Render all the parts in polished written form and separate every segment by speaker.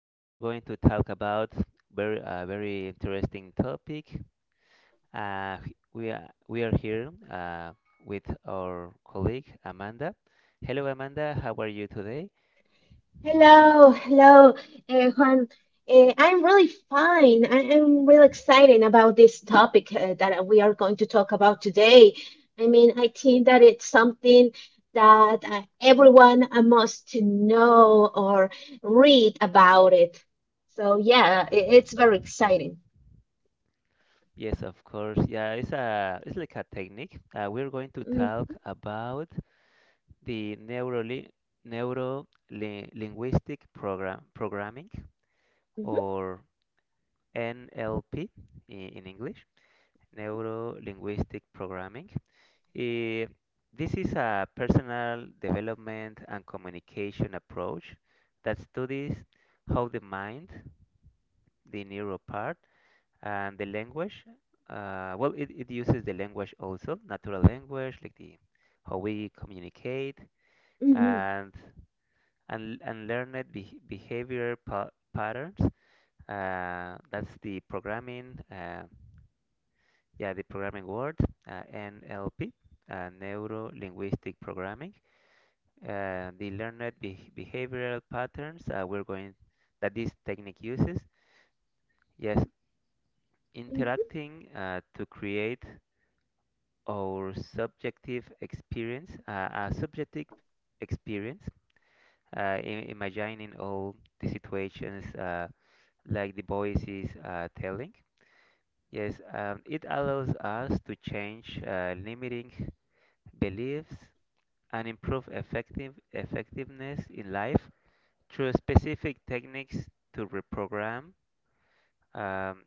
Speaker 1: We're going to talk about very a very interesting topic. We are here with our colleague Amanda. Hello, Amanda. How are you today?
Speaker 2: Hello, hello, Juan. I'm really fine. I am really excited about this topic that we are going to talk about today. I mean, I think that it's something that everyone must to know or read about it. So yeah, it's very
Speaker 1: Yes,
Speaker 2: exciting.
Speaker 1: yes, of course. Yeah, it's a it's like a technique. We're going to
Speaker 2: Mm,
Speaker 1: talk about the neuro neuro li- linguistic program programming
Speaker 2: mhm,
Speaker 1: or NLP in English. Neuro-linguistic programming. Eh, this is a personal development and communication approach that studies how the mind, the neural part, and the language. It, it uses the language also, natural language, like the how we communicate
Speaker 2: mhm,
Speaker 1: and and learned behavior pa patterns. That's the programming. Yeah, the programming world, NLP, neuro linguistic programming, the learned behavioral patterns we're going that this technique uses. Yes,
Speaker 2: mhm,
Speaker 1: interacting to create our subjective experience, experience, imagining all the situations like the voice is telling. Yes, it allows us to change limiting beliefs and improve effectiveness in life through specific techniques to reprogram um,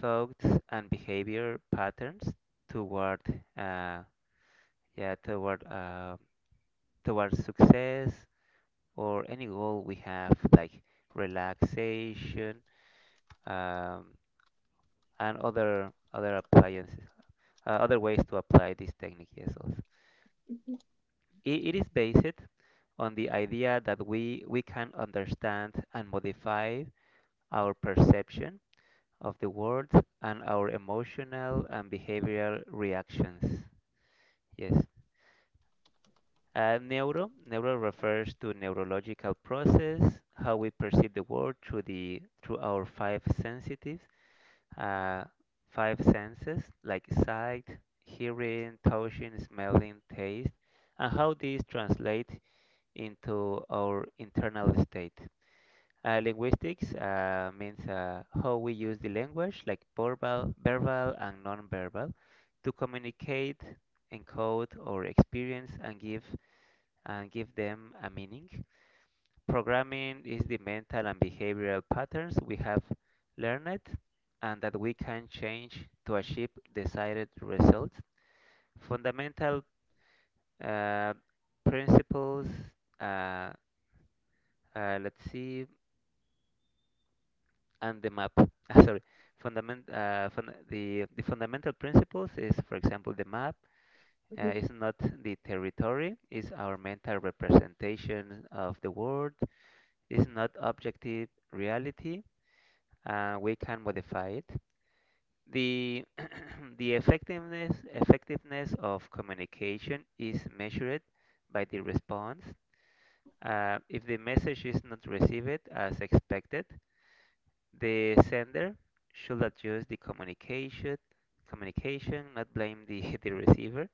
Speaker 1: thoughts and behavior patterns toward uh, yeah toward uh, toward success, or any goal we have, like relaxation, um, and other appliances, other ways to apply this technique, yes, also. It is based on the idea that we can understand and modify our perception of the world and our emotional and behavioral reactions. Yes. Neuro refers to neurological process, how we perceive the world through the through our five sensitives, uh, five senses, like sight, hearing, touching, smelling, taste, and how these translate into our internal state. Linguistics means how we use the language, like verbal and non-verbal, to communicate, encode, or experience and give them a meaning. Programming is the mental and behavioral patterns we have learned and that we can change to achieve desired results. Fundamental uh, principles. Uh, let's see. And the map. Sorry, fundament fun the fundamental principles is, for example, the map
Speaker 2: mhm.
Speaker 1: is not the territory, is our mental representation of the world, is not objective reality. We can modify it. The the effectiveness effectiveness of communication is measured by the response. If the message is not received as expected, the sender should adjust the communication, not blame the receiver.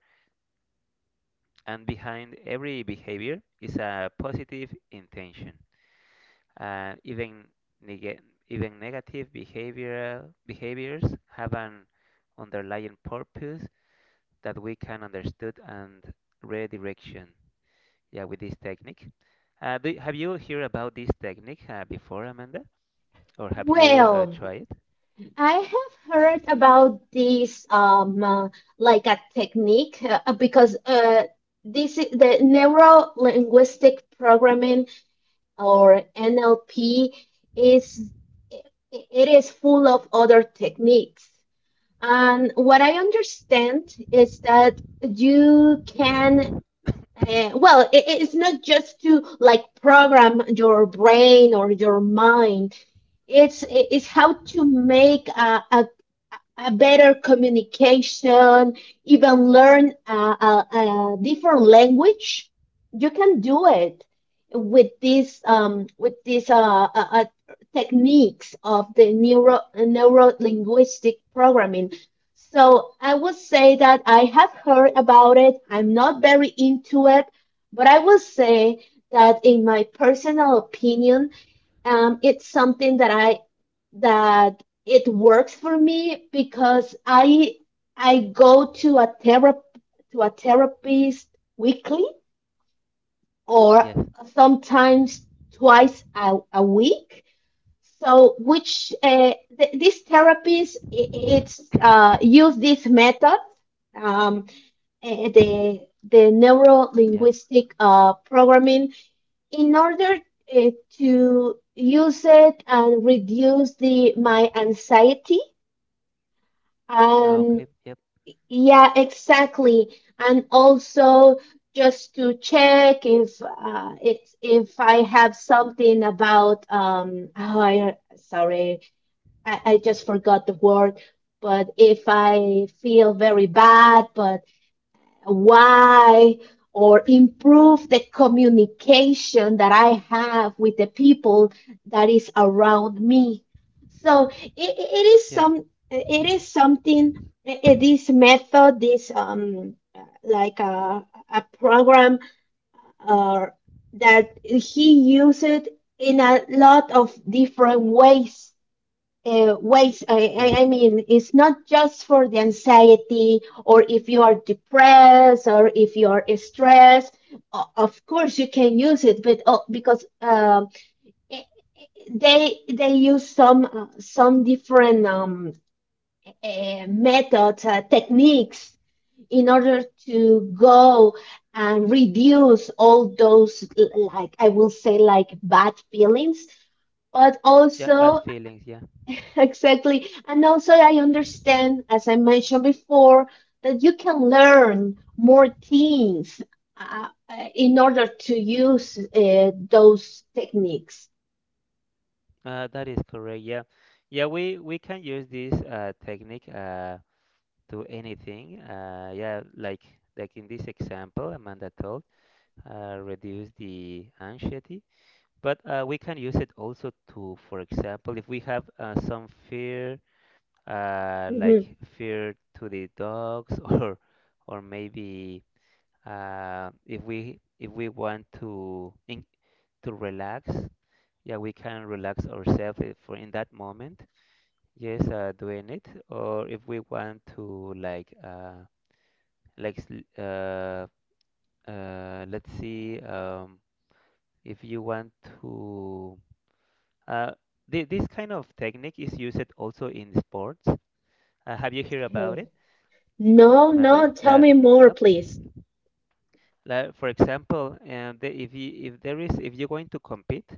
Speaker 1: And behind every behavior is a positive intention. Uh, even neg- Even negative behavioral behaviors have an underlying purpose that we can understand and redirection. Yeah, with this technique. Have you heard about this technique before, Amanda? Or have you
Speaker 2: Well,
Speaker 1: tried it?
Speaker 2: I have heard about this like a technique because this is the neuro linguistic programming or NLP is i- it is full of other techniques. And what I understand is that you can well it, it's not just to like program your brain or your mind, it's how to make a better communication, even learn a different language. You can do it with these techniques of the neuro linguistic programming. So I would say that I have heard about it. I'm not very into it, but I would say that in my personal opinion, it's something that I that it works for me because I go to a therap to a therapist weekly or
Speaker 1: Yes.
Speaker 2: sometimes twice a week. So which this therapist, it's use this method, um, the neuro
Speaker 1: Yeah.
Speaker 2: linguistic programming in order, eh, to use it and reduce the my anxiety,
Speaker 1: Ah,
Speaker 2: and
Speaker 1: okay. Yep.
Speaker 2: yeah exactly, and also just to check if it's if I have something about um, oh, I sorry, I just forgot the word, but if I feel very bad, but why, or improve the communication that I have with the people that is around me. So it is
Speaker 1: Yes.
Speaker 2: some it is something, this method this like a program or that he used in a lot of different ways ways.
Speaker 1: Yes.
Speaker 2: I mean, it's not just for the anxiety or if you are depressed or if you are stressed. Of course, you can use it, but oh, because eh, they use some different methods, techniques in order to go and reduce all those like I will say like bad feelings, but
Speaker 1: Yeah. Bad
Speaker 2: also
Speaker 1: feelings. Yeah.
Speaker 2: exactly. And also, I understand, as I mentioned before, that you can learn more things in order to use those techniques.
Speaker 1: That is correct. Yeah. Yeah. We can use this technique to anything. Yeah. Like in this example, Amanda told, reduce the anxiety. But we can use it also to, for example, if we have some fear, like
Speaker 2: Mhm.
Speaker 1: fear to the dogs, or maybe if we want to relax. Yeah, we can relax ourselves if for in that moment, yes, doing it. Or if we want to like uh, like sl- let's see if you want to uh this kind of technique is used also in sports. Have you heard about
Speaker 2: Okay.
Speaker 1: it,
Speaker 2: No,
Speaker 1: Amanda?
Speaker 2: no, tell me
Speaker 1: That
Speaker 2: more,
Speaker 1: nope.
Speaker 2: please.
Speaker 1: Like for example, if you if there is if you're going to compete,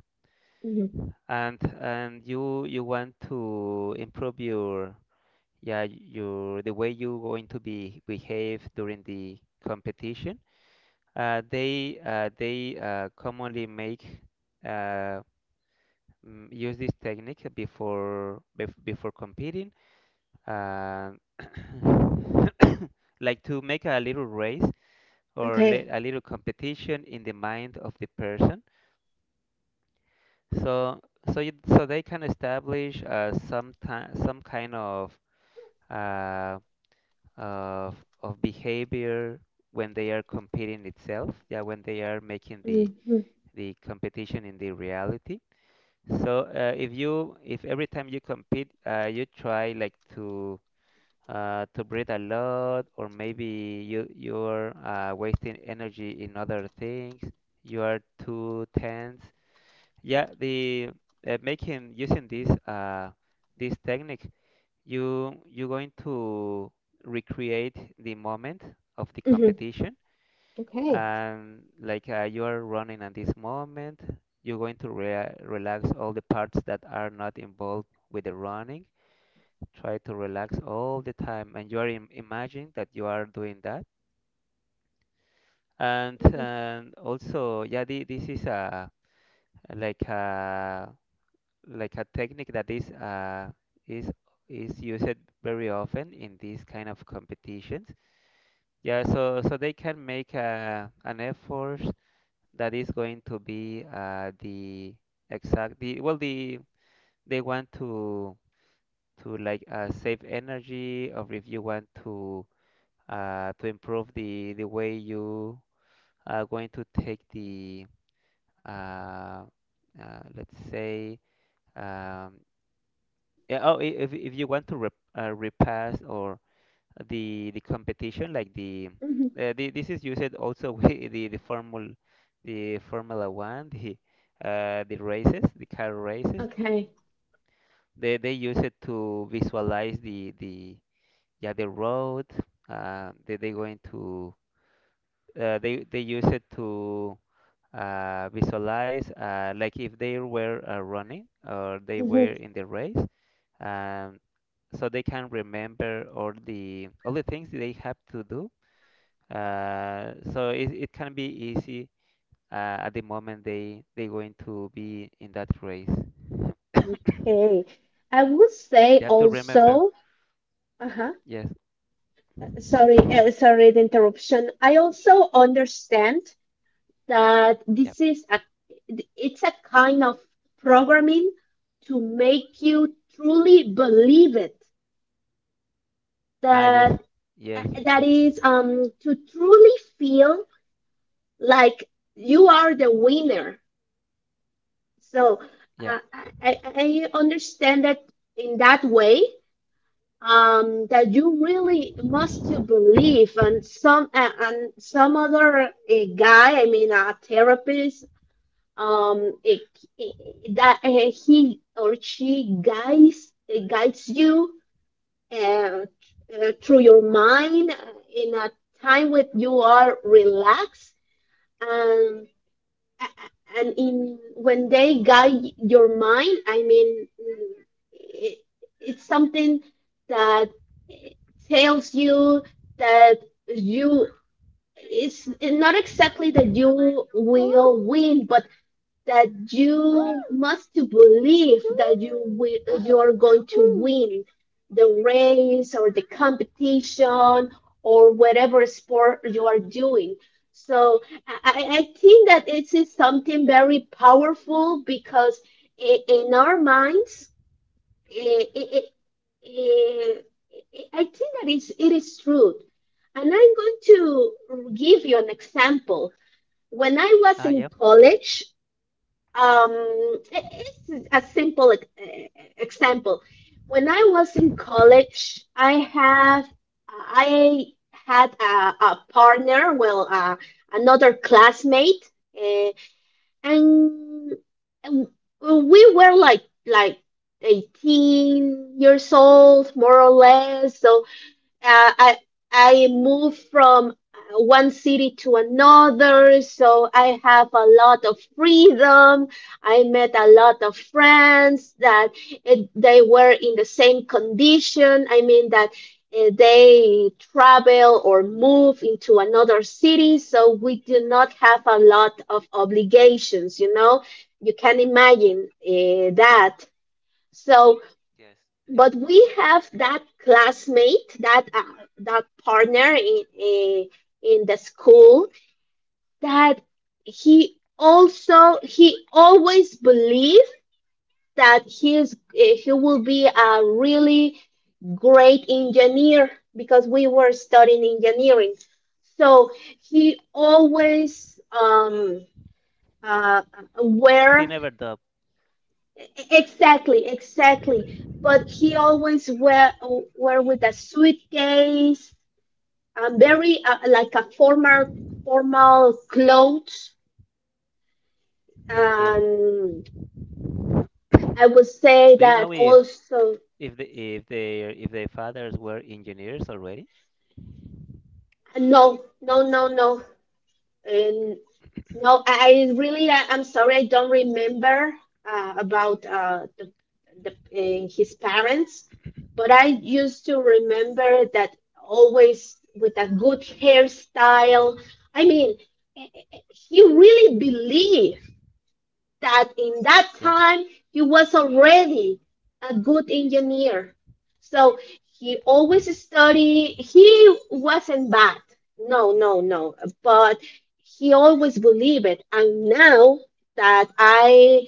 Speaker 2: Mhm.
Speaker 1: and you want to improve your yeah your the way you going to be behave during the competition. They commonly make, uh, use this technique before competing. uh, like to make a little race
Speaker 2: Okay.
Speaker 1: a little competition in the mind of the person, so so they can establish some kind of uh, of of behavior when they are competing itself. Yeah, when they are making
Speaker 2: Mhm.
Speaker 1: the competition in the reality. So if you, if every time you compete, you try like to breathe a lot, or maybe you're wasting energy in other things, you are too tense. Yeah, the Making using this this technique, you're going to recreate the moment of the
Speaker 2: Mhm.
Speaker 1: competition
Speaker 2: Okay.
Speaker 1: and like you are running at this moment, you're going to relax all the parts that are not involved with the running, try to relax all the time, and you are imagining that you are doing that.
Speaker 2: Mhm.
Speaker 1: And also, yeah, this is a like a like a technique that is is used very often in these kind of competitions. Yeah, so so they can make a, an effort that is going to be the they want to like save energy, or if you want to improve the way you are going to take the uh, let's say, um, yeah, if you want to repass or the competition like the this is used also with the Formula One, the races, the car races.
Speaker 2: Okay.
Speaker 1: They use it to visualize the yeah the road. uh, they they going to they use it to visualize, like if they were running or they were
Speaker 2: Mhm.
Speaker 1: in the race. um, so they can remember all the things they have to do. So it can be easy at the moment they going to be in that race.
Speaker 2: Okay. I would say
Speaker 1: You have to remember.
Speaker 2: also, uh-huh.
Speaker 1: Yes.
Speaker 2: Sorry, sorry, the interruption. I also understand that
Speaker 1: Yep.
Speaker 2: this is a, it's a kind of programming to make you truly believe it,
Speaker 1: Ah, yes.
Speaker 2: that
Speaker 1: Yes.
Speaker 2: that is to truly feel like you are the winner. So
Speaker 1: Yeah.
Speaker 2: I understand that in that way, um, that you really must to believe, and some other guy, I mean a therapist, um, that he or she guides guides you uh, through your mind in a time when you are relaxed, and and in when they guide your mind, I mean, mm, it, it's something that tells you that you, it's not exactly that you will win, but that you must to believe that you are going to win the race or the competition or whatever sport you are doing. So I think that this is something very powerful because I in our minds, i i i i I think that is it is true. And I'm going to give you an example. When I was
Speaker 1: Ah,
Speaker 2: in
Speaker 1: yep.
Speaker 2: college, um, i- it's a simple example. When I was in college, I had a partner, well, another classmate, uh, and w- we were like 18 years old, more or less. So uh, I I move from one city to another, so I have a lot of freedom. I met a lot of friends that they were in the same condition. I mean that they travel or move into another city, so we do not have a lot of obligations. You know, you can imagine that. So
Speaker 1: Yes. Yep.
Speaker 2: but we have that classmate that that partner in in the school that he also he always believed that he will be a really great engineer because we were studying engineering, so he always uh,
Speaker 1: He
Speaker 2: were
Speaker 1: never dubbed.
Speaker 2: exactly, exactly. But he always wear with a suitcase, very like a formal clothes.
Speaker 1: Yes.
Speaker 2: And
Speaker 1: Do
Speaker 2: I would say
Speaker 1: you know
Speaker 2: that also
Speaker 1: if the if their fathers were engineers already?
Speaker 2: no, no, no, no. And no, I really, I'm sorry, I don't remember about his parents, but I used to remember that always with a good hairstyle. I mean, he really believed that in that
Speaker 1: Yeah.
Speaker 2: time he was already a good engineer. So he always studied. He wasn't bad. No, no, no. But he always believed it. And now that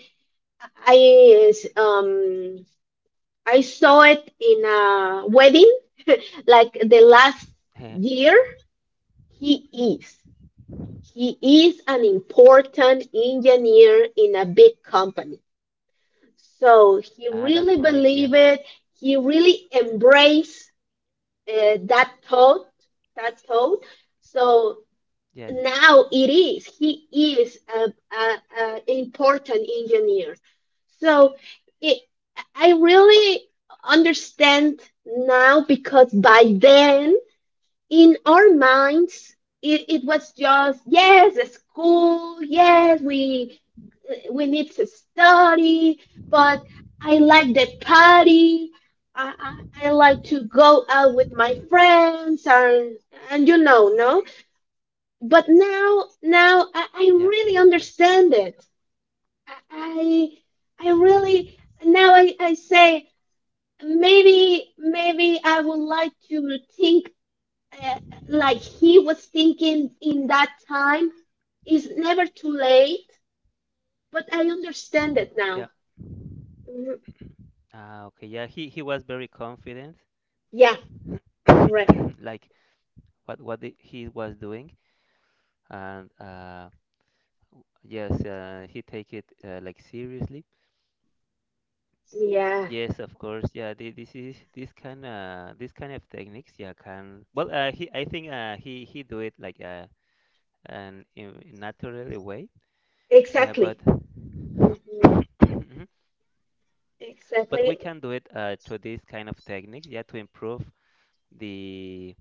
Speaker 2: I um I saw it in a wedding like the last year, he is. He is an important engineer in a big company, so he
Speaker 1: Ah, that's
Speaker 2: really
Speaker 1: great. Yeah.
Speaker 2: believed it. He really embraced that thought, that thought. So
Speaker 1: Yes.
Speaker 2: now it is. He is a important engineer. So it, I really
Speaker 1: Ah, great.
Speaker 2: understand now, because by then in our minds, it was just yes, a school. Yes, we need to study, but I like the party. I, I like to go out with my friends, and you know no, but now I
Speaker 1: Yeah.
Speaker 2: really understand it. I I really now, I say maybe, maybe I would like to think uh, like he was thinking in that time, it's never too late, but I understand it
Speaker 1: Yeah.
Speaker 2: now.
Speaker 1: Ah, okay. Yeah. He was very confident.
Speaker 2: Yeah, correct.
Speaker 1: Like what he was doing, and yes, he take it like seriously.
Speaker 2: Yeah,
Speaker 1: Yes, of course. Yeah, this is this kind of techniques. Yeah, can well. He I think he do it like an in naturally way. Yeah, but
Speaker 2: exactly. Hmm.
Speaker 1: Mhm. But we
Speaker 2: Exactly.
Speaker 1: can do it through these kind of techniques. Yeah, to improve the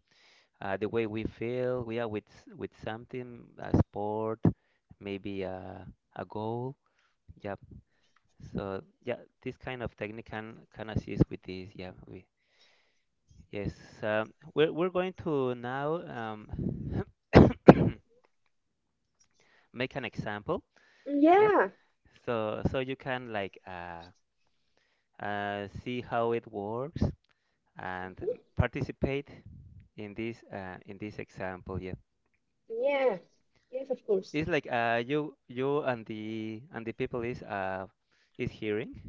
Speaker 1: the way we feel. We are with with something, a sport, maybe a goal. Yeah, so yeah, this kind of technique can assist with this. Yeah, we yes. We're going to now make an example. Yep.
Speaker 2: Yeah.
Speaker 1: So you can like see how it works and
Speaker 2: Mm-hmm.
Speaker 1: participate in this example. Yeah.
Speaker 2: Yeah. Yes, of course.
Speaker 1: It's like you and the people is hearing.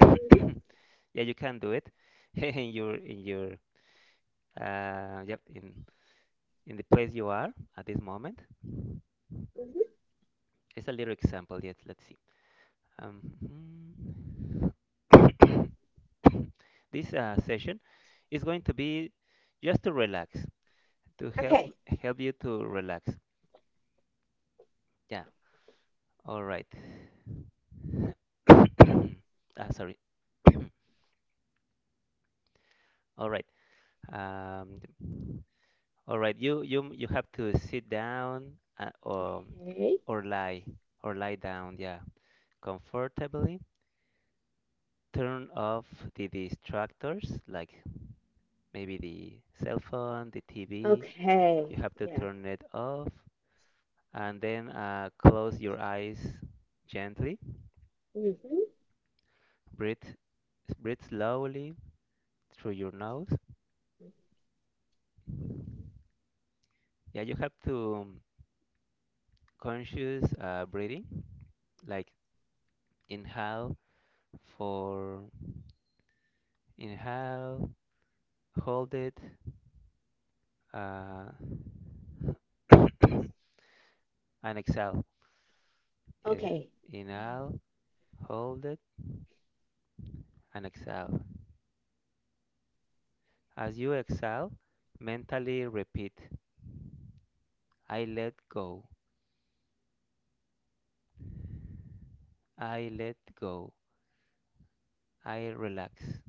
Speaker 2: Hmm.
Speaker 1: Yeah, you can do it in your uh yep in in the place you are at this moment.
Speaker 2: Hmm.
Speaker 1: It's a little example. Yet let's see. Um, this session is going to be just to relax, to help
Speaker 2: Okay.
Speaker 1: help you to relax. Yeah. All right. Ah, sorry. All right. Um, all right. You have to sit down or
Speaker 2: Okay.
Speaker 1: or lie or lie down. Yeah, comfortably. Turn off the distractors, like maybe the cell phone, the TV.
Speaker 2: Okay.
Speaker 1: You have to
Speaker 2: Yeah.
Speaker 1: turn it off and then close your eyes gently.
Speaker 2: Hmm.
Speaker 1: Breathe, Breathe slowly through your nose. Yeah, you have to conscious breathing, like inhale for inhale, hold it, uh, and exhale. Yes,
Speaker 2: Okay.
Speaker 1: inhale, hold it, and exhale. As you exhale, mentally repeat: I let go, I let go, I relax.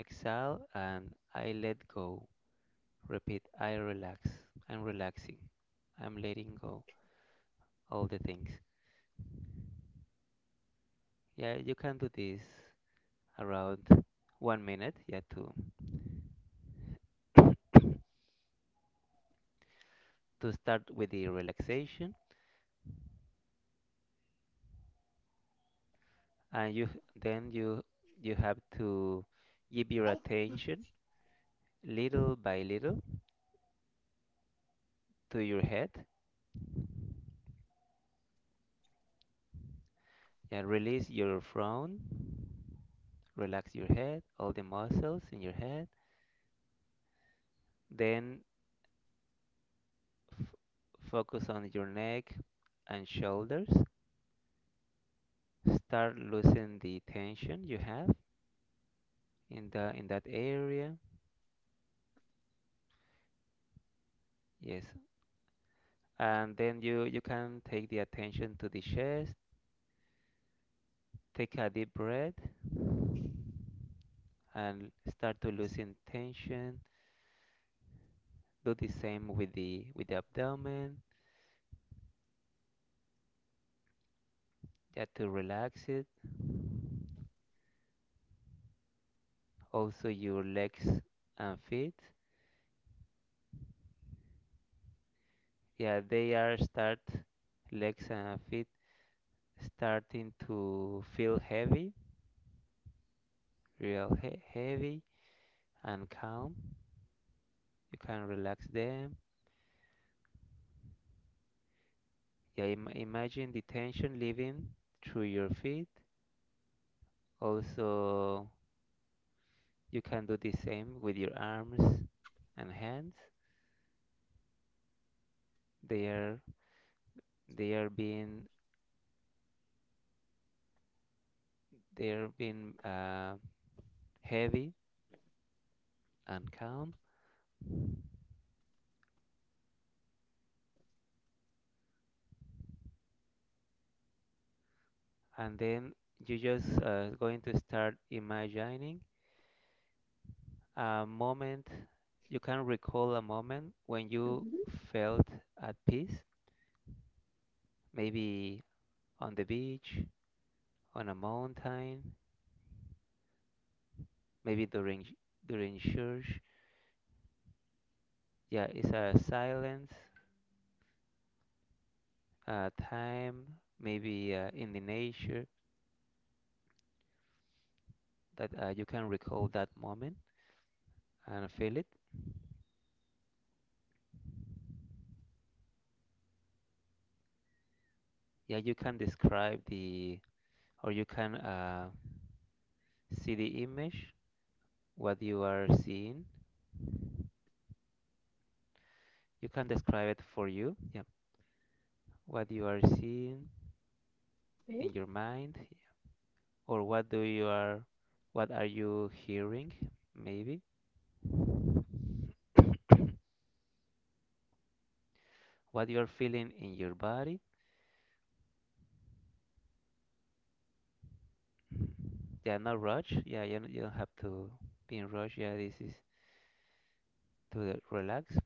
Speaker 1: Exhale and I let go. Repeat, I relax. I'm relaxing. I'm letting go all the things. Yeah, you can do this around 1 minute. Yeah, to to start with the relaxation, and you you have to give your
Speaker 2: Oh.
Speaker 1: attention little by little to your head. And Yeah, release your frown, relax your head, all the muscles in your head. Then f- focus on your neck and shoulders. Start loosening the tension you have in the in that area. Yes. And then you can take the attention to the chest. Take a deep breath and start to loosen tension. Do the same with the abdomen. Just to relax it. Also your legs and feet. Yeah, they are start legs and feet starting to feel heavy, real heavy and calm. You can relax them. Yeah, imagine the tension leaving through your feet. Also, you can do the same with your arms and hands. They are they are being they are being heavy and calm. And then you just going to start imagining A moment, you can recall a moment when you
Speaker 2: Hmm.
Speaker 1: felt at peace, maybe on the beach, on a mountain, maybe during church. Yeah, it's a silence, a time, maybe in the nature that you can recall that moment and feel it. Yeah, you can describe the, or you can see the image, what you are seeing. You can describe it for you. Yeah, what you are seeing
Speaker 2: Okay.
Speaker 1: in your mind, or what do you are, what are you hearing, maybe what you're feeling in your body. Yeah, no rush. Yeah, you don't have to be in rush. Yeah, this is to relax.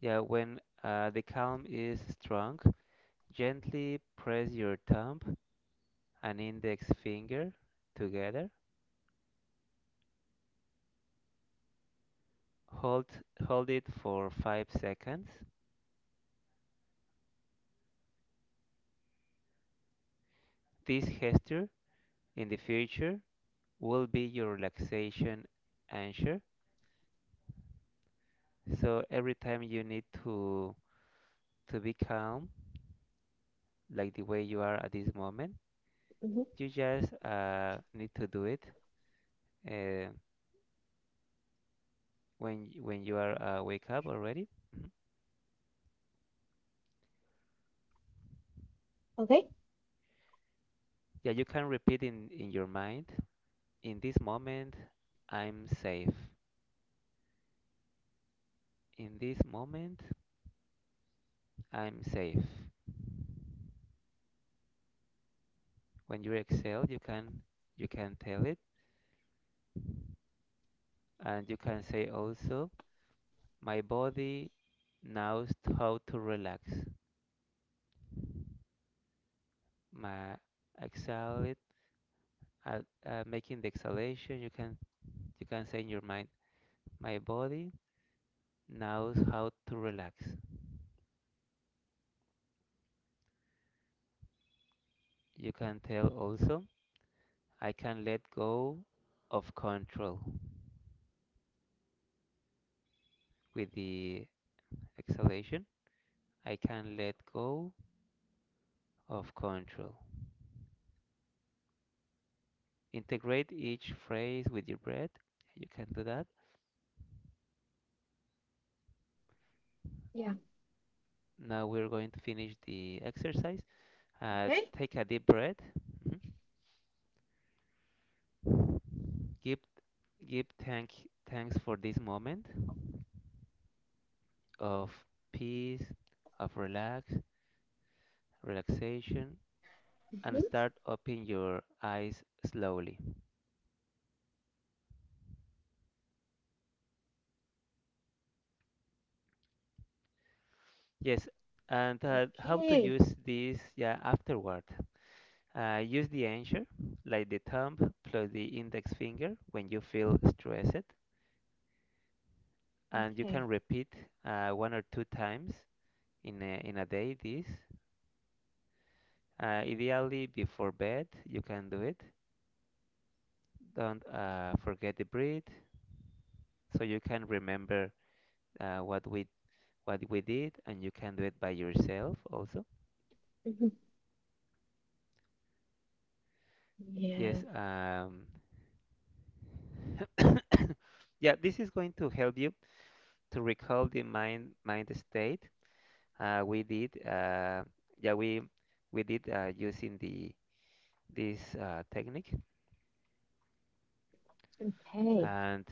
Speaker 1: Yeah, when the calm is strong, gently press your thumb and index finger together. hold Hold it for 5 seconds. This gesture in the future will be your relaxation anchor. So every time you need to be calm, like the way you are at this moment,
Speaker 2: Hmm.
Speaker 1: you just need to do it, uh, when you are wake up already. Mhm.
Speaker 2: Okay.
Speaker 1: Yeah, you can repeat in your mind. In this moment, I'm safe. In this moment, I'm safe. When you exhale, you can tell it, and you can say also. My body knows how to relax. My exhale, it- Making the exhalation, you can say in your mind, my body knows how to relax. You can tell also, I can let go of control with the exhalation. I can let go of control. Integrate each phrase with your breath. You can do that.
Speaker 2: Yeah.
Speaker 1: Now we're going to finish the exercise. Uh,
Speaker 2: Okay.
Speaker 1: Take a deep breath. Mhm. Give give thanks for this moment of peace, of relaxation, and
Speaker 2: Hmm.
Speaker 1: start opening your eyes slowly. Yes. And how to
Speaker 2: Okay.
Speaker 1: use this? Yeah, afterward. Use the anchor, like the thumb plus the index finger, when you feel stressed, and you can
Speaker 2: Okay.
Speaker 1: repeat one or two times in a day this. Ideally, before bed, you can do it. Don't forget the breathe, so you can remember uh, what we what we did, and you can do it by yourself also.
Speaker 2: Hmm.
Speaker 1: Yes.
Speaker 2: Yeah.
Speaker 1: Yeah, this is going to help you to recall the mind state we did. Yeah, we we did using the this technique,
Speaker 2: Okay.
Speaker 1: and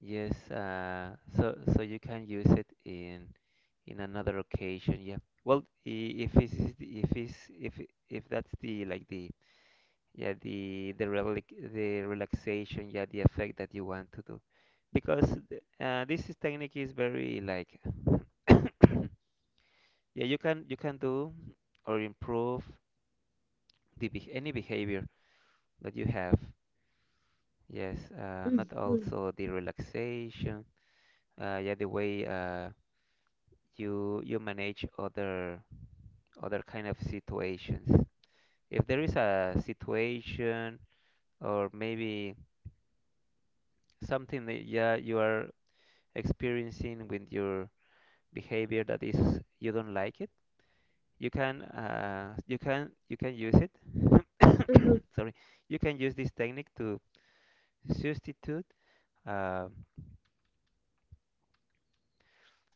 Speaker 1: yes, so you can use it in another occasion. Yeah. Well, I- if it's if it's if it- if that's the like the, yeah, the relic the relaxation, yeah, the effect that you want to do, because this is technique is very like, yeah, you can do or improve the beh any behavior that you have. Yes,
Speaker 2: Hmm.
Speaker 1: not
Speaker 2: Hmm.
Speaker 1: also the relaxation. Yeah, the way uh, you manage other kind of situations. If there is a situation, or maybe something that, yeah, you are experiencing with your behavior that is you don't like it, you can you can use it. Sorry, you can use this technique to substitute, uh,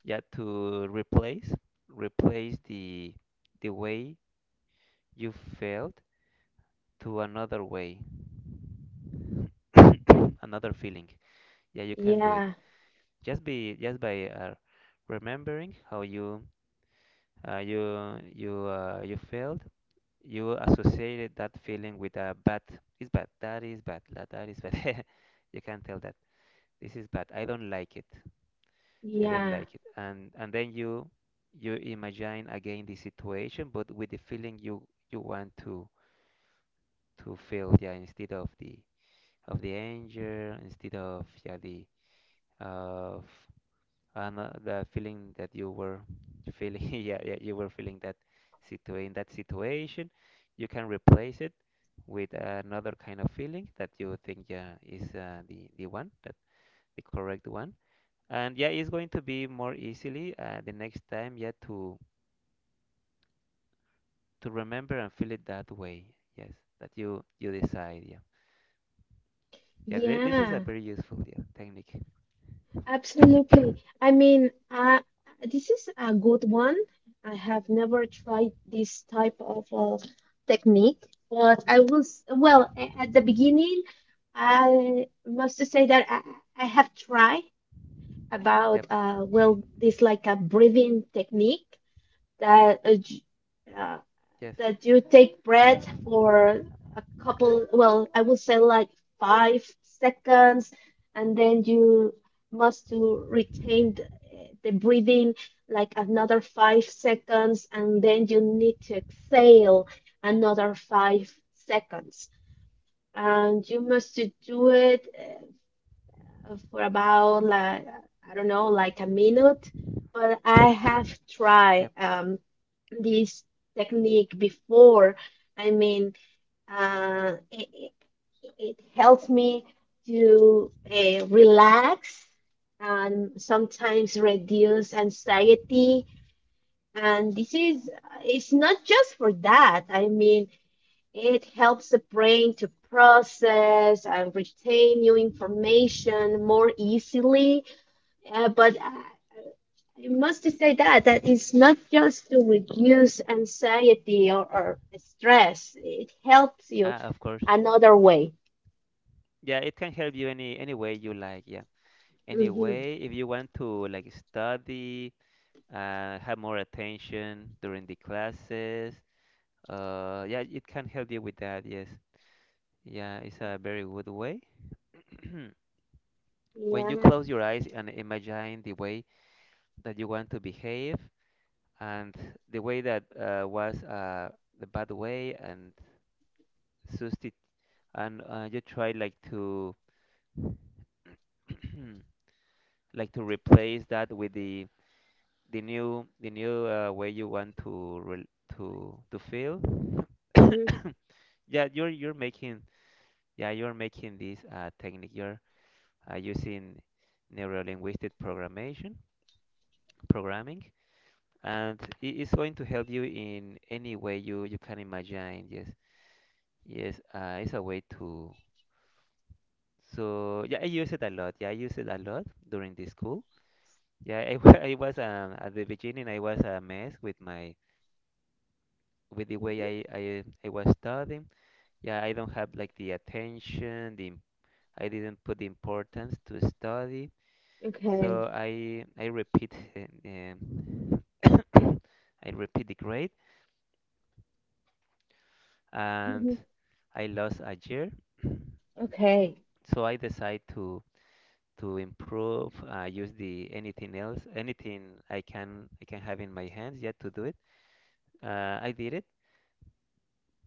Speaker 1: yeah to replace, the way you felt to another way, another feeling. Yeah, you can do it,
Speaker 2: Yeah.
Speaker 1: just by remembering how you, you felt, you associated that feeling with a bad. It's bad that is bad, that is bad. You can tell that this is bad, I don't like it. i don't
Speaker 2: Yeah.
Speaker 1: like it and then you imagine again the situation, but with the feeling you, you want to feel. Yeah, instead of the anger, instead of, yeah, the of, and the feeling that you were feeling, yeah, yeah, you were feeling that situ in that situation. You can replace it with another kind of feeling that you think, yeah, is the one that, the correct one, and, yeah, it's going to be more easily the next time. Yeah, to remember and feel it that way, yes, that you decide. Yeah, yeah, this is a
Speaker 2: Yeah.
Speaker 1: very useful, yeah, technique.
Speaker 2: Absolutely. I mean, this is a good one. I have never tried this type of technique, but I will, well, at the beginning, I must say that I have tried about,
Speaker 1: Yep.
Speaker 2: well, this like a breathing technique that uh,
Speaker 1: Yes.
Speaker 2: that you take breath for a couple, well, I would say like 5 seconds, and then you must to retain the breathing like another 5 seconds, and then you need to exhale another 5 seconds. And you must to do it, for about like, I don't know, like a minute. But I have tried
Speaker 1: Yep.
Speaker 2: this technique before. I mean, it it helps me to relax and sometimes reduce anxiety. And this is, it's not just for that. I mean, it helps the brain to process and retain new information more easily, but I must say that that is not just to reduce anxiety or stress. It helps you
Speaker 1: Ah, of course,
Speaker 2: another way.
Speaker 1: yeah, it can help you any way you like. Yeah,
Speaker 2: Hmm.
Speaker 1: anyway, if you want to like study, have more attention during the classes, yeah, it can help you with that. Yes, yeah, it's a very good way. When you
Speaker 2: Yeah.
Speaker 1: close your eyes and imagine the way that you want to behave, and the way that was the bad way, and substitute, and you try like to like to replace that with the, the new way you want to rel to feel.
Speaker 2: Hmm.
Speaker 1: Yeah, you're making, yeah you're making this technique. You're using neurolinguistic programmation programming, and it is going to help you in any way you, you can imagine. Yes, yes, it's a way to. So, yeah, I use it a lot. Yeah, I use it a lot during the school. Yeah, I was, at the beginning, I was a mess with my, with the way
Speaker 2: Hmm.
Speaker 1: I was studying. Yeah, I don't have like the attention, I didn't put the importance to study,
Speaker 2: Okay.
Speaker 1: so I repeat, I repeat the grade, and
Speaker 2: Hmm.
Speaker 1: I lost a year.
Speaker 2: Okay.
Speaker 1: So I decide to improve, use the anything else, anything I can have in my hands yet to do it. I did it.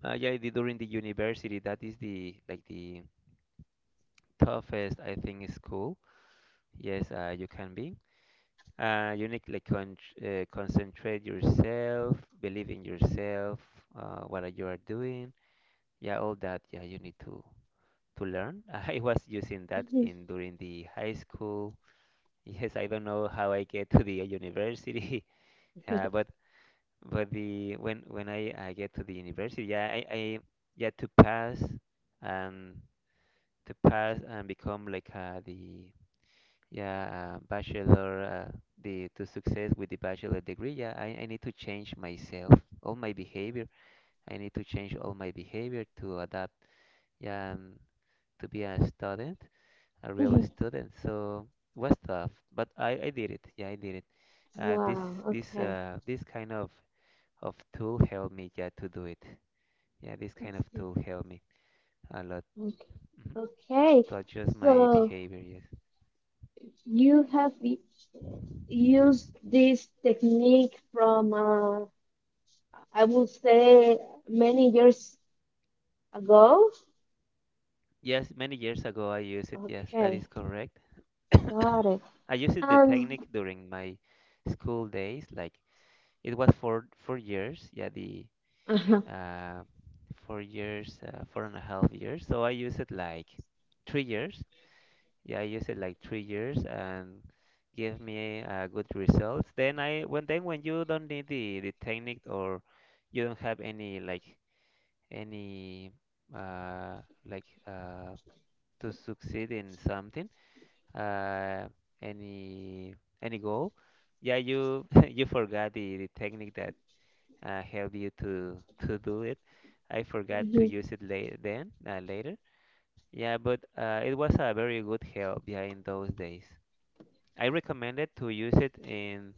Speaker 1: Yeah, I did during the university. That is the like the toughest, I think, school. Yes, you can be. You need like concentrate yourself, believe in yourself, what are you are doing. Yeah, all that. Yeah, you need to learn. I was using that
Speaker 2: Mhm.
Speaker 1: in during the high school. Yes, I don't know how I get to the university, uh, but but the when I get to the university, yeah, I, yeah, to pass and become like the yeah, bachelor, the to success with the bachelor degree. Yeah, I need to change myself, all my behavior. I need to change all my behavior to adapt. Yeah, to be a student, a real
Speaker 2: Mhm.
Speaker 1: student. So it was tough, but I did it. Yeah, I did it. Uh, this
Speaker 2: Wow. Okay.
Speaker 1: this kind of tool helped me. Yeah, to do it. Yeah, this kind of
Speaker 2: Mhm.
Speaker 1: tool helped me a lot.
Speaker 2: Okay.
Speaker 1: Mhm.
Speaker 2: Okay.
Speaker 1: To adjust my
Speaker 2: So
Speaker 1: behavior. Yes.
Speaker 2: you have used this technique from, I would say, many years ago.
Speaker 1: Yes, many years ago I used it. Yes, that is
Speaker 2: Okay,
Speaker 1: correct.
Speaker 2: got it.
Speaker 1: I used the
Speaker 2: Um,
Speaker 1: technique during my school days. Like, it was for 4 years, yeah, the
Speaker 2: uh-huh.
Speaker 1: uh, 4 years, four and a half years. So I used it like 3 years. Yeah, I used it like 3 years, and gave me good results. Then I, when, then when you don't need the technique, or you don't have any like any uh, like uh, to succeed in something, uh, any goal, yeah, you you forgot the technique that helped you to do it. I forgot to
Speaker 2: Hmm.
Speaker 1: use it later, then later. Yeah, but it was a very good help. Yeah, in those days, I recommended to use it in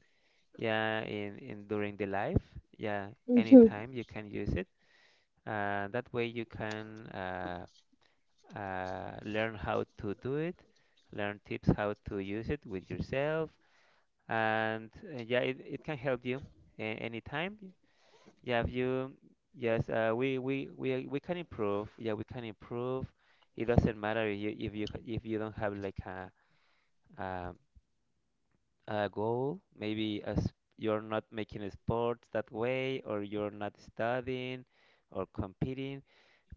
Speaker 1: yeah, in during the life. Yeah,
Speaker 2: Hmm.
Speaker 1: anytime you can use it. That way you can learn how to do it, learn tips how to use it with yourself, and yeah, it can help you anytime. Yeah, if you, yes, we, we can improve, yeah, we can improve. It doesn't matter if you, if you don't have like a, a goal, maybe as you're not making sports that way, or you're not studying or competing,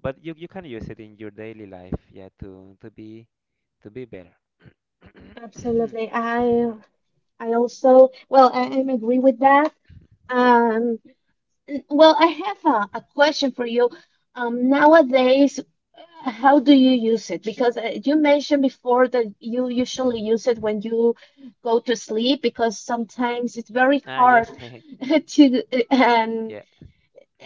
Speaker 1: but you can use it in your daily life, yeah, to be to be better.
Speaker 2: Absolutely. I also well, I agree with that. Um, well, I have a question for you. Nowadays, how do you use it? Because you mentioned before that you usually
Speaker 1: Mhm.
Speaker 2: use it when you go to sleep because sometimes it's very
Speaker 1: Ah, yes.
Speaker 2: hard to um,
Speaker 1: Yeah.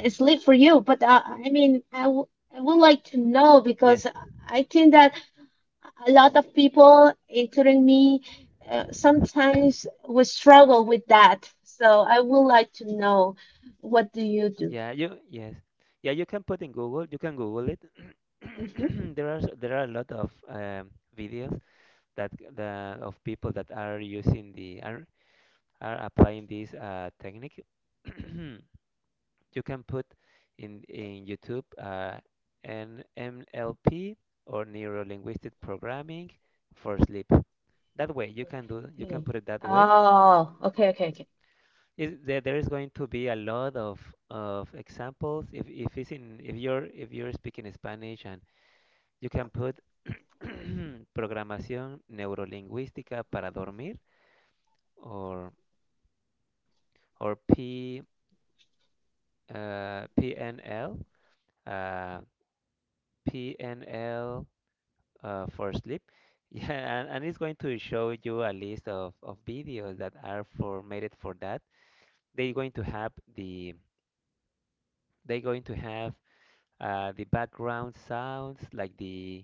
Speaker 2: it's late for you, but I mean, I would like to know because
Speaker 1: Yes.
Speaker 2: I think that a lot of people, including me, sometimes we struggle with that. So I would like to know, what do you do?
Speaker 1: Yeah, yeah, you can put in Google. You can Google it.
Speaker 2: Hmm.
Speaker 1: There are there are a lot of videos that c- the of people that are using the, are applying this technique. You can put in YouTube an NLP, or neuro linguistic programming, for sleep. That way you can do, you can
Speaker 2: Okay.
Speaker 1: put it that way.
Speaker 2: Oh, okay, okay, okay.
Speaker 1: Is there, there is going to be a lot of examples, if it's in, if you're speaking Spanish, and you can put programación neurolingüística para dormir, or or P PNL, uh, PNL uh, for sleep. Yeah, and it's going to show you a list of videos that are for made it for that. They're going to have the, they're going to have, uh, the background sounds, like the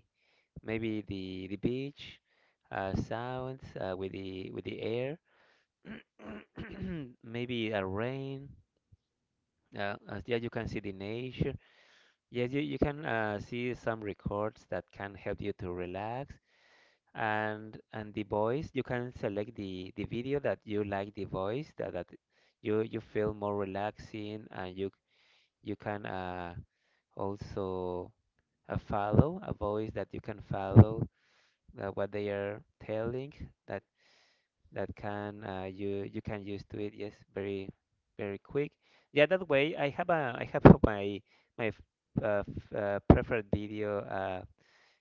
Speaker 1: maybe the beach sounds with the, with the air, maybe a rain. As yeah, you can see the nature. Yes, you can see some records that can help you to relax. And the voice, you can select the video that you like, the voice that that you feel more relaxing, and you can also, a follow, a voice that you can follow what they are telling, that that can you, you can use to it. Yes, very very quick. Yeah, that way I have a, I have my my preferred video.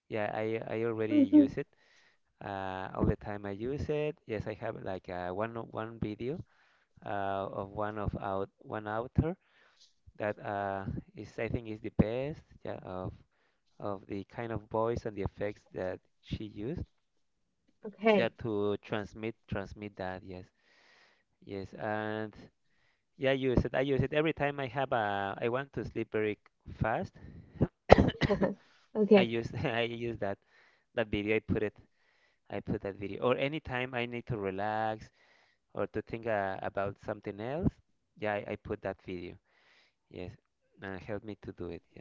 Speaker 1: Yeah, I already
Speaker 2: Hmm.
Speaker 1: use it, all the time I use it. Yes, I have like one video of one of out one author that is, I think, is the best. Yeah, of the kind of voice and the effects that she used. Yeah,
Speaker 2: Okay.
Speaker 1: to transmit that. Yes, yes, and yeah, I use it. I use it every time I have a. I want to sleep very fast. I
Speaker 2: Okay.
Speaker 1: use I use that video. I put it. I put that video. Or anytime I need to relax or to think about something else. Yeah, I put that video. Yes, and help me to do it. Yeah.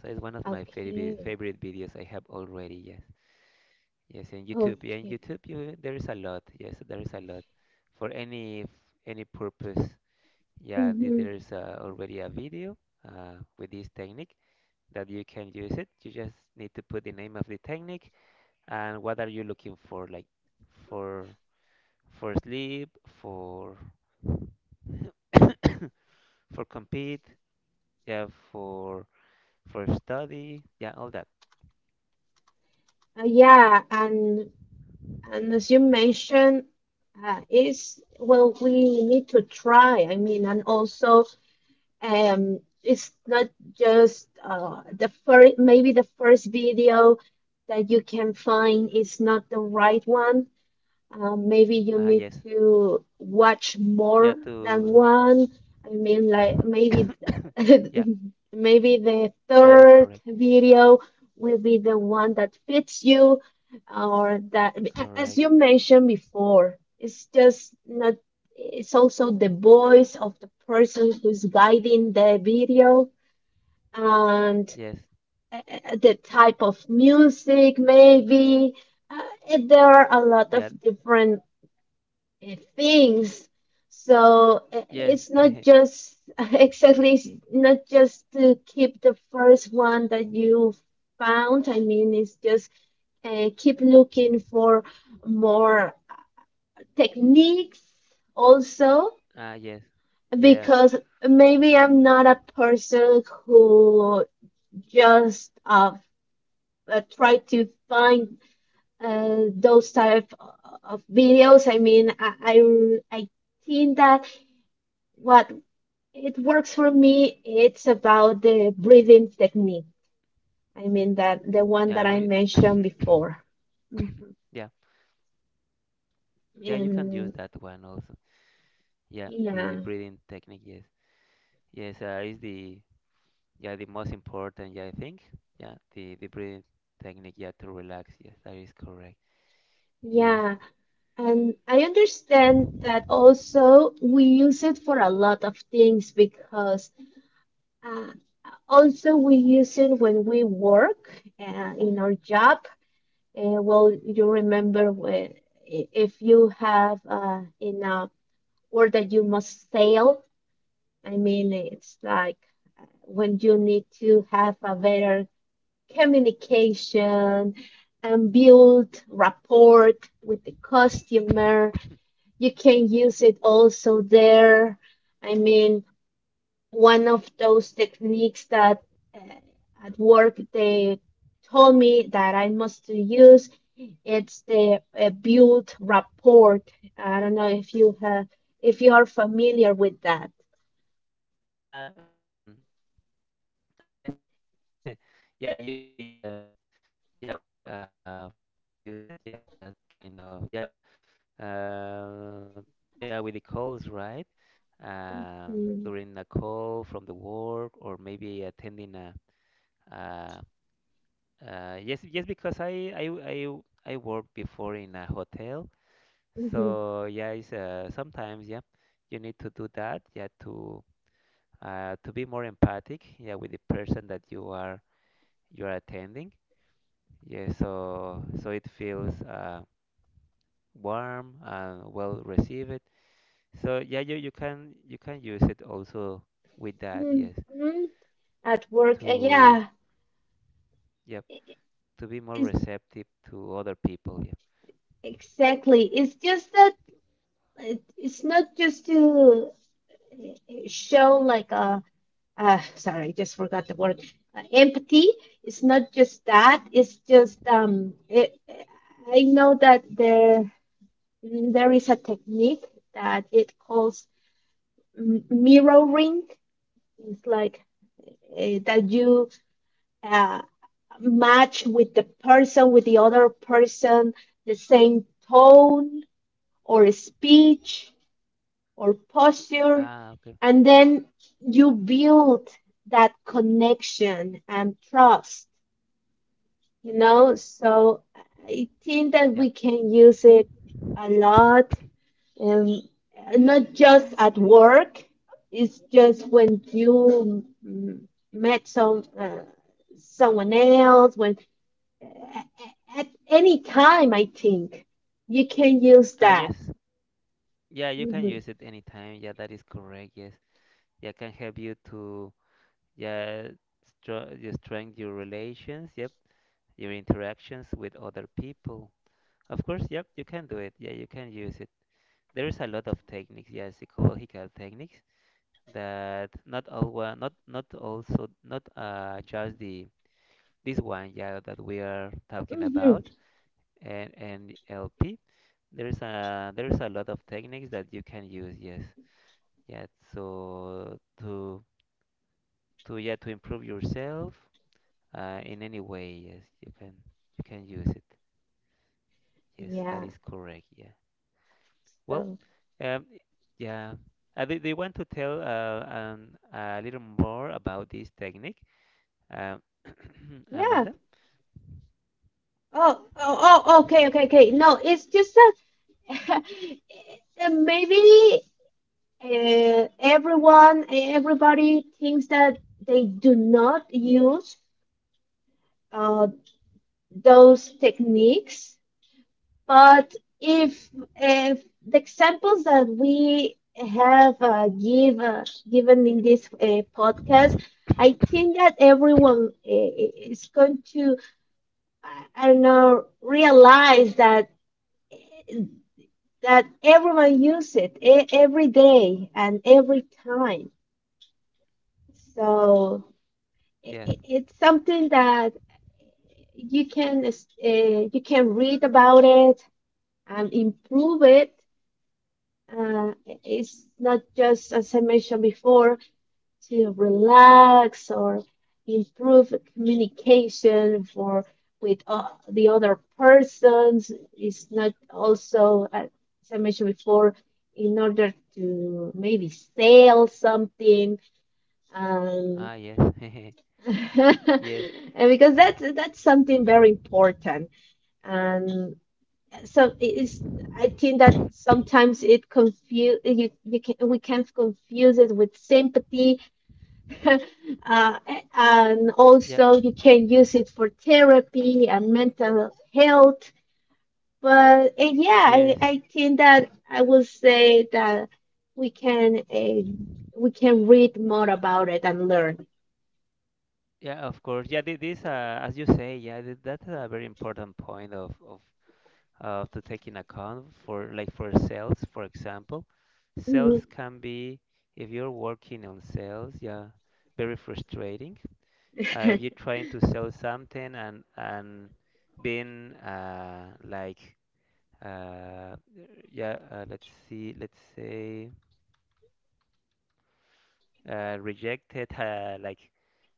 Speaker 1: So it's one of my
Speaker 2: Okay.
Speaker 1: favorite videos I have already. Yes. Yes, in YouTube, yeah, in
Speaker 2: Okay.
Speaker 1: YouTube, you, there is a lot. Yes, there is a lot for any purpose. Yeah,
Speaker 2: Hmm.
Speaker 1: there is already a video with this technique that you can use it. You just need to put the name of the technique and what are you looking for, like for for sleep, for for compete, yeah, for for study, yeah, all that.
Speaker 2: Uh, yeah, and And as you mentioned, is, well, we need to try. I mean, and also, it's not just the first, maybe the first video that you can find is not the right one. Maybe you
Speaker 1: Ah,
Speaker 2: need
Speaker 1: yes,
Speaker 2: to watch
Speaker 1: yeah,
Speaker 2: more than
Speaker 1: to
Speaker 2: one. I mean, like maybe th-
Speaker 1: yeah,
Speaker 2: maybe the
Speaker 1: that is
Speaker 2: third
Speaker 1: correct.
Speaker 2: video will be the one that fits you, or that, as
Speaker 1: Correct.
Speaker 2: you mentioned before, it's just not, it's also the voice of the person who's guiding the video, and
Speaker 1: Yes.
Speaker 2: uh, the type of music, maybe. Uh, there are a lot of
Speaker 1: Yeah.
Speaker 2: different things. So
Speaker 1: Yes.
Speaker 2: it's not just exactly, it's not just to keep the first one that you found. I mean, it's just keep looking for more techniques also,
Speaker 1: Ah, yes. Yeah.
Speaker 2: because maybe I'm not a person who just try to find those type of videos. I mean, I think that what, it works for me. It's about the breathing technique. I mean that the one that
Speaker 1: Yeah.
Speaker 2: I mentioned before. Mhm.
Speaker 1: Yeah. Yeah. You can use
Speaker 2: And
Speaker 1: that one also. Yeah. The
Speaker 2: yeah,
Speaker 1: breathing technique. Yes. Yes. Is the yeah, the most important. Yeah, I think. Yeah. The breathing technique. Yeah. To relax. Yes. That is correct. Yes.
Speaker 2: yeah. And I understand that also we use it for a lot of things because uh, also we use it when we work in our job. Well, you remember when, if you have in a word that you must sell. I mean, it's like when you need to have a better communication and build rapport with the customer. You can use it also there. I mean, one of those techniques that uh, at work they told me that I must use, it's the build rapport. I don't know if you have, if you are familiar with that.
Speaker 1: Ah. Um. Ah. Yes. Yes. Yeah. Yeah. You. I. Yeah. We. We use it. Yeah. That kind of. Yeah. Uh. Yeah. With the calls, right? Um,
Speaker 2: Mm-hmm.
Speaker 1: during a call from the work, or maybe attending a yes, yes, because I worked before in a hotel.
Speaker 2: Mm-hmm.
Speaker 1: So yeah, sometimes, yeah, you need to do that, yeah, to be more empathic, yeah, with the person that you are, you are attending. Yeah, so so it feels warm and well received. So yeah, you, you can use it also with that. Yes,
Speaker 2: Mm-hmm. At work,
Speaker 1: to
Speaker 2: yeah.
Speaker 1: yeah
Speaker 2: I-
Speaker 1: to be more
Speaker 2: It's
Speaker 1: receptive to other people. Yeah.
Speaker 2: exactly. It's just that it's not just to uh, show like a, sorry, I just forgot the word, empathy. It's not just that. It's just um, I know that there is a technique that it calls mirroring. It's like that you uh, match with the person, with the other person, the same tone or speech or posture,
Speaker 1: Ah, okay.
Speaker 2: and then you build that connection and trust, you know. So I think that
Speaker 1: Yeah.
Speaker 2: we can use it a lot, um, not just at work, it's just when you mm, met some someone else, when at, at any time, I think you can use
Speaker 1: Ah,
Speaker 2: that.
Speaker 1: yes. Yeah, you can use it anytime. Yeah, that is correct. Yes. Yeah, can help you to yeah, you strengthen your relations. Yep. Your interactions with other people. Of course. Yep. You can do it. Yeah, you can use it. There is a lot of techniques. Yeah, psychological techniques that not all one, not also not just the this one. Yeah, that we are talking
Speaker 2: Mhm.
Speaker 1: about. And NLP. There's a lot of techniques that you can use, yes. Yeah, so to yeah to improve yourself in any way. Yes, you can, you can use it. Yes, that
Speaker 2: Yeah.
Speaker 1: is correct. Yeah. Well,
Speaker 2: So
Speaker 1: um, yeah. Do you want to tell a little more about this technique, um,
Speaker 2: yeah.
Speaker 1: Amanda?
Speaker 2: Oh, oh, oh,
Speaker 1: Mhm.
Speaker 2: okay, okay, okay. No, it's just that maybe everybody thinks that they do not use uh, those techniques. But if if the examples that we have given in this podcast, I think that everyone is going to, I don't know, realize that that everyone use it every day and every time. So
Speaker 1: Yeah.
Speaker 2: it's something that you can uh, you can read about it and improve it. Uh, it's not just as I mentioned before, to relax or improve communication for with the other persons, is not also as I mentioned before, in order to maybe sell something, um,
Speaker 1: Ah, yes. Yes.
Speaker 2: and because that's something very important, and so it is, I think that sometimes it confuse you, you can we can confuse it with sympathy uh, and
Speaker 1: Yeah.
Speaker 2: also you can use it for therapy and mental health. But yeah,
Speaker 1: Yes.
Speaker 2: I think that I will say that we can read more about it and learn.
Speaker 1: Yeah, of course. Yeah, this, as you say, yeah, that's a very important point of to take in account for, like, for sales, for example. Sales
Speaker 2: Mhm.
Speaker 1: can be, if you're working on sales, yeah, very frustrating. If you're trying to sell something and being like uh, yeah, let's see, let's say rejected, like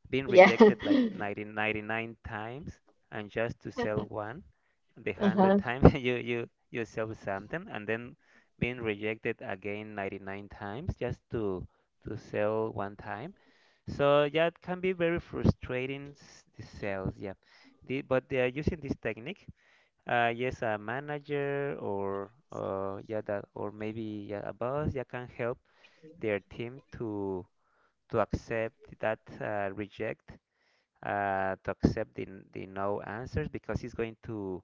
Speaker 1: being
Speaker 2: Yeah.
Speaker 1: rejected like 90, 99 times, and just to sell one the 100
Speaker 2: Uh-huh.
Speaker 1: times, you sell something, and then being rejected again 99 times, just to sell one time. So yeah, it can be very frustrating, the sales, yeah, but they are using this technique. Uh, yes, a manager, or yeah that, or maybe yeah, a boss, yeah, can help their team to accept that reject, to accept the no answers, because it's going to,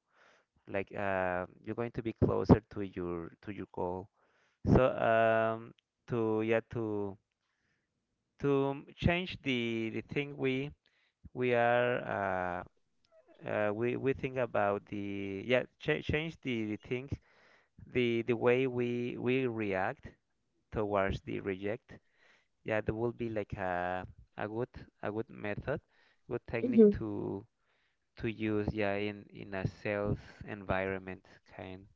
Speaker 1: like you're going to be closer to your goal. So to yeah to change the thing we are we think about the, yeah, ch change the thing, the way we react towards the reject. Yeah, that will be like a good, a good method, good technique
Speaker 2: Mhm.
Speaker 1: to use, yeah, in a sales environment kind.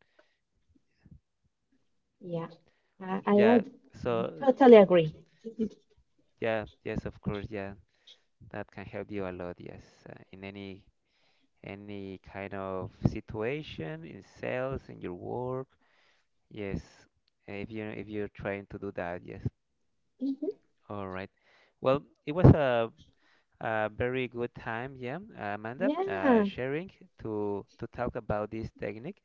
Speaker 2: Yeah. I
Speaker 1: Yeah,
Speaker 2: am
Speaker 1: so
Speaker 2: I totally agree.
Speaker 1: s- yeah, yes, of course, yeah, that can help you a lot. Yes, in any kind of situation, in sales, in your work. Yes, if you if you're trying to do that. Yes,
Speaker 2: Mhm.
Speaker 1: all right, well, it was a very good time, yeah, Amanda,
Speaker 2: Yeah.
Speaker 1: sharing to talk about this technique,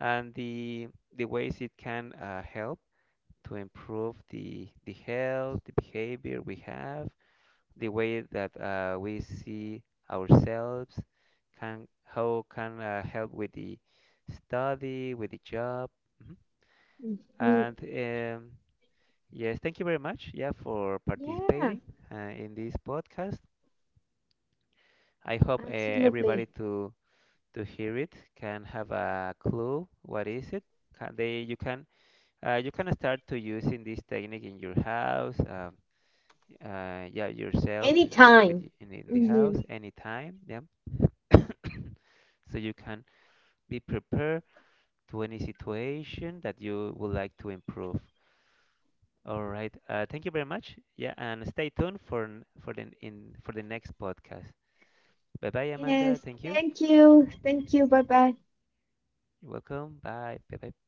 Speaker 1: and the ways it can help to improve the health, the behavior we have, the way that we see ourselves, can how can help with the study, with the job. Mhm.
Speaker 2: Mhm.
Speaker 1: And um, yes, thank you very much, yeah, for
Speaker 2: Yeah.
Speaker 1: participating in this podcast. I hope
Speaker 2: Absolutely.
Speaker 1: everybody to hear it can have a clue what is it. Can they you can start to using this technique in your house. Yeah, yourself in your
Speaker 2: Anytime.
Speaker 1: in the house
Speaker 2: Mhm.
Speaker 1: anytime, yeah. So you can be prepared to any situation that you would like to improve. All right. Thank you very much. Yeah, and stay tuned for for the in for the next podcast. Bye bye, Amanda.
Speaker 2: Yes,
Speaker 1: Thank you.
Speaker 2: thank you. Thank you. Bye bye.
Speaker 1: You're welcome. Bye. Bye bye.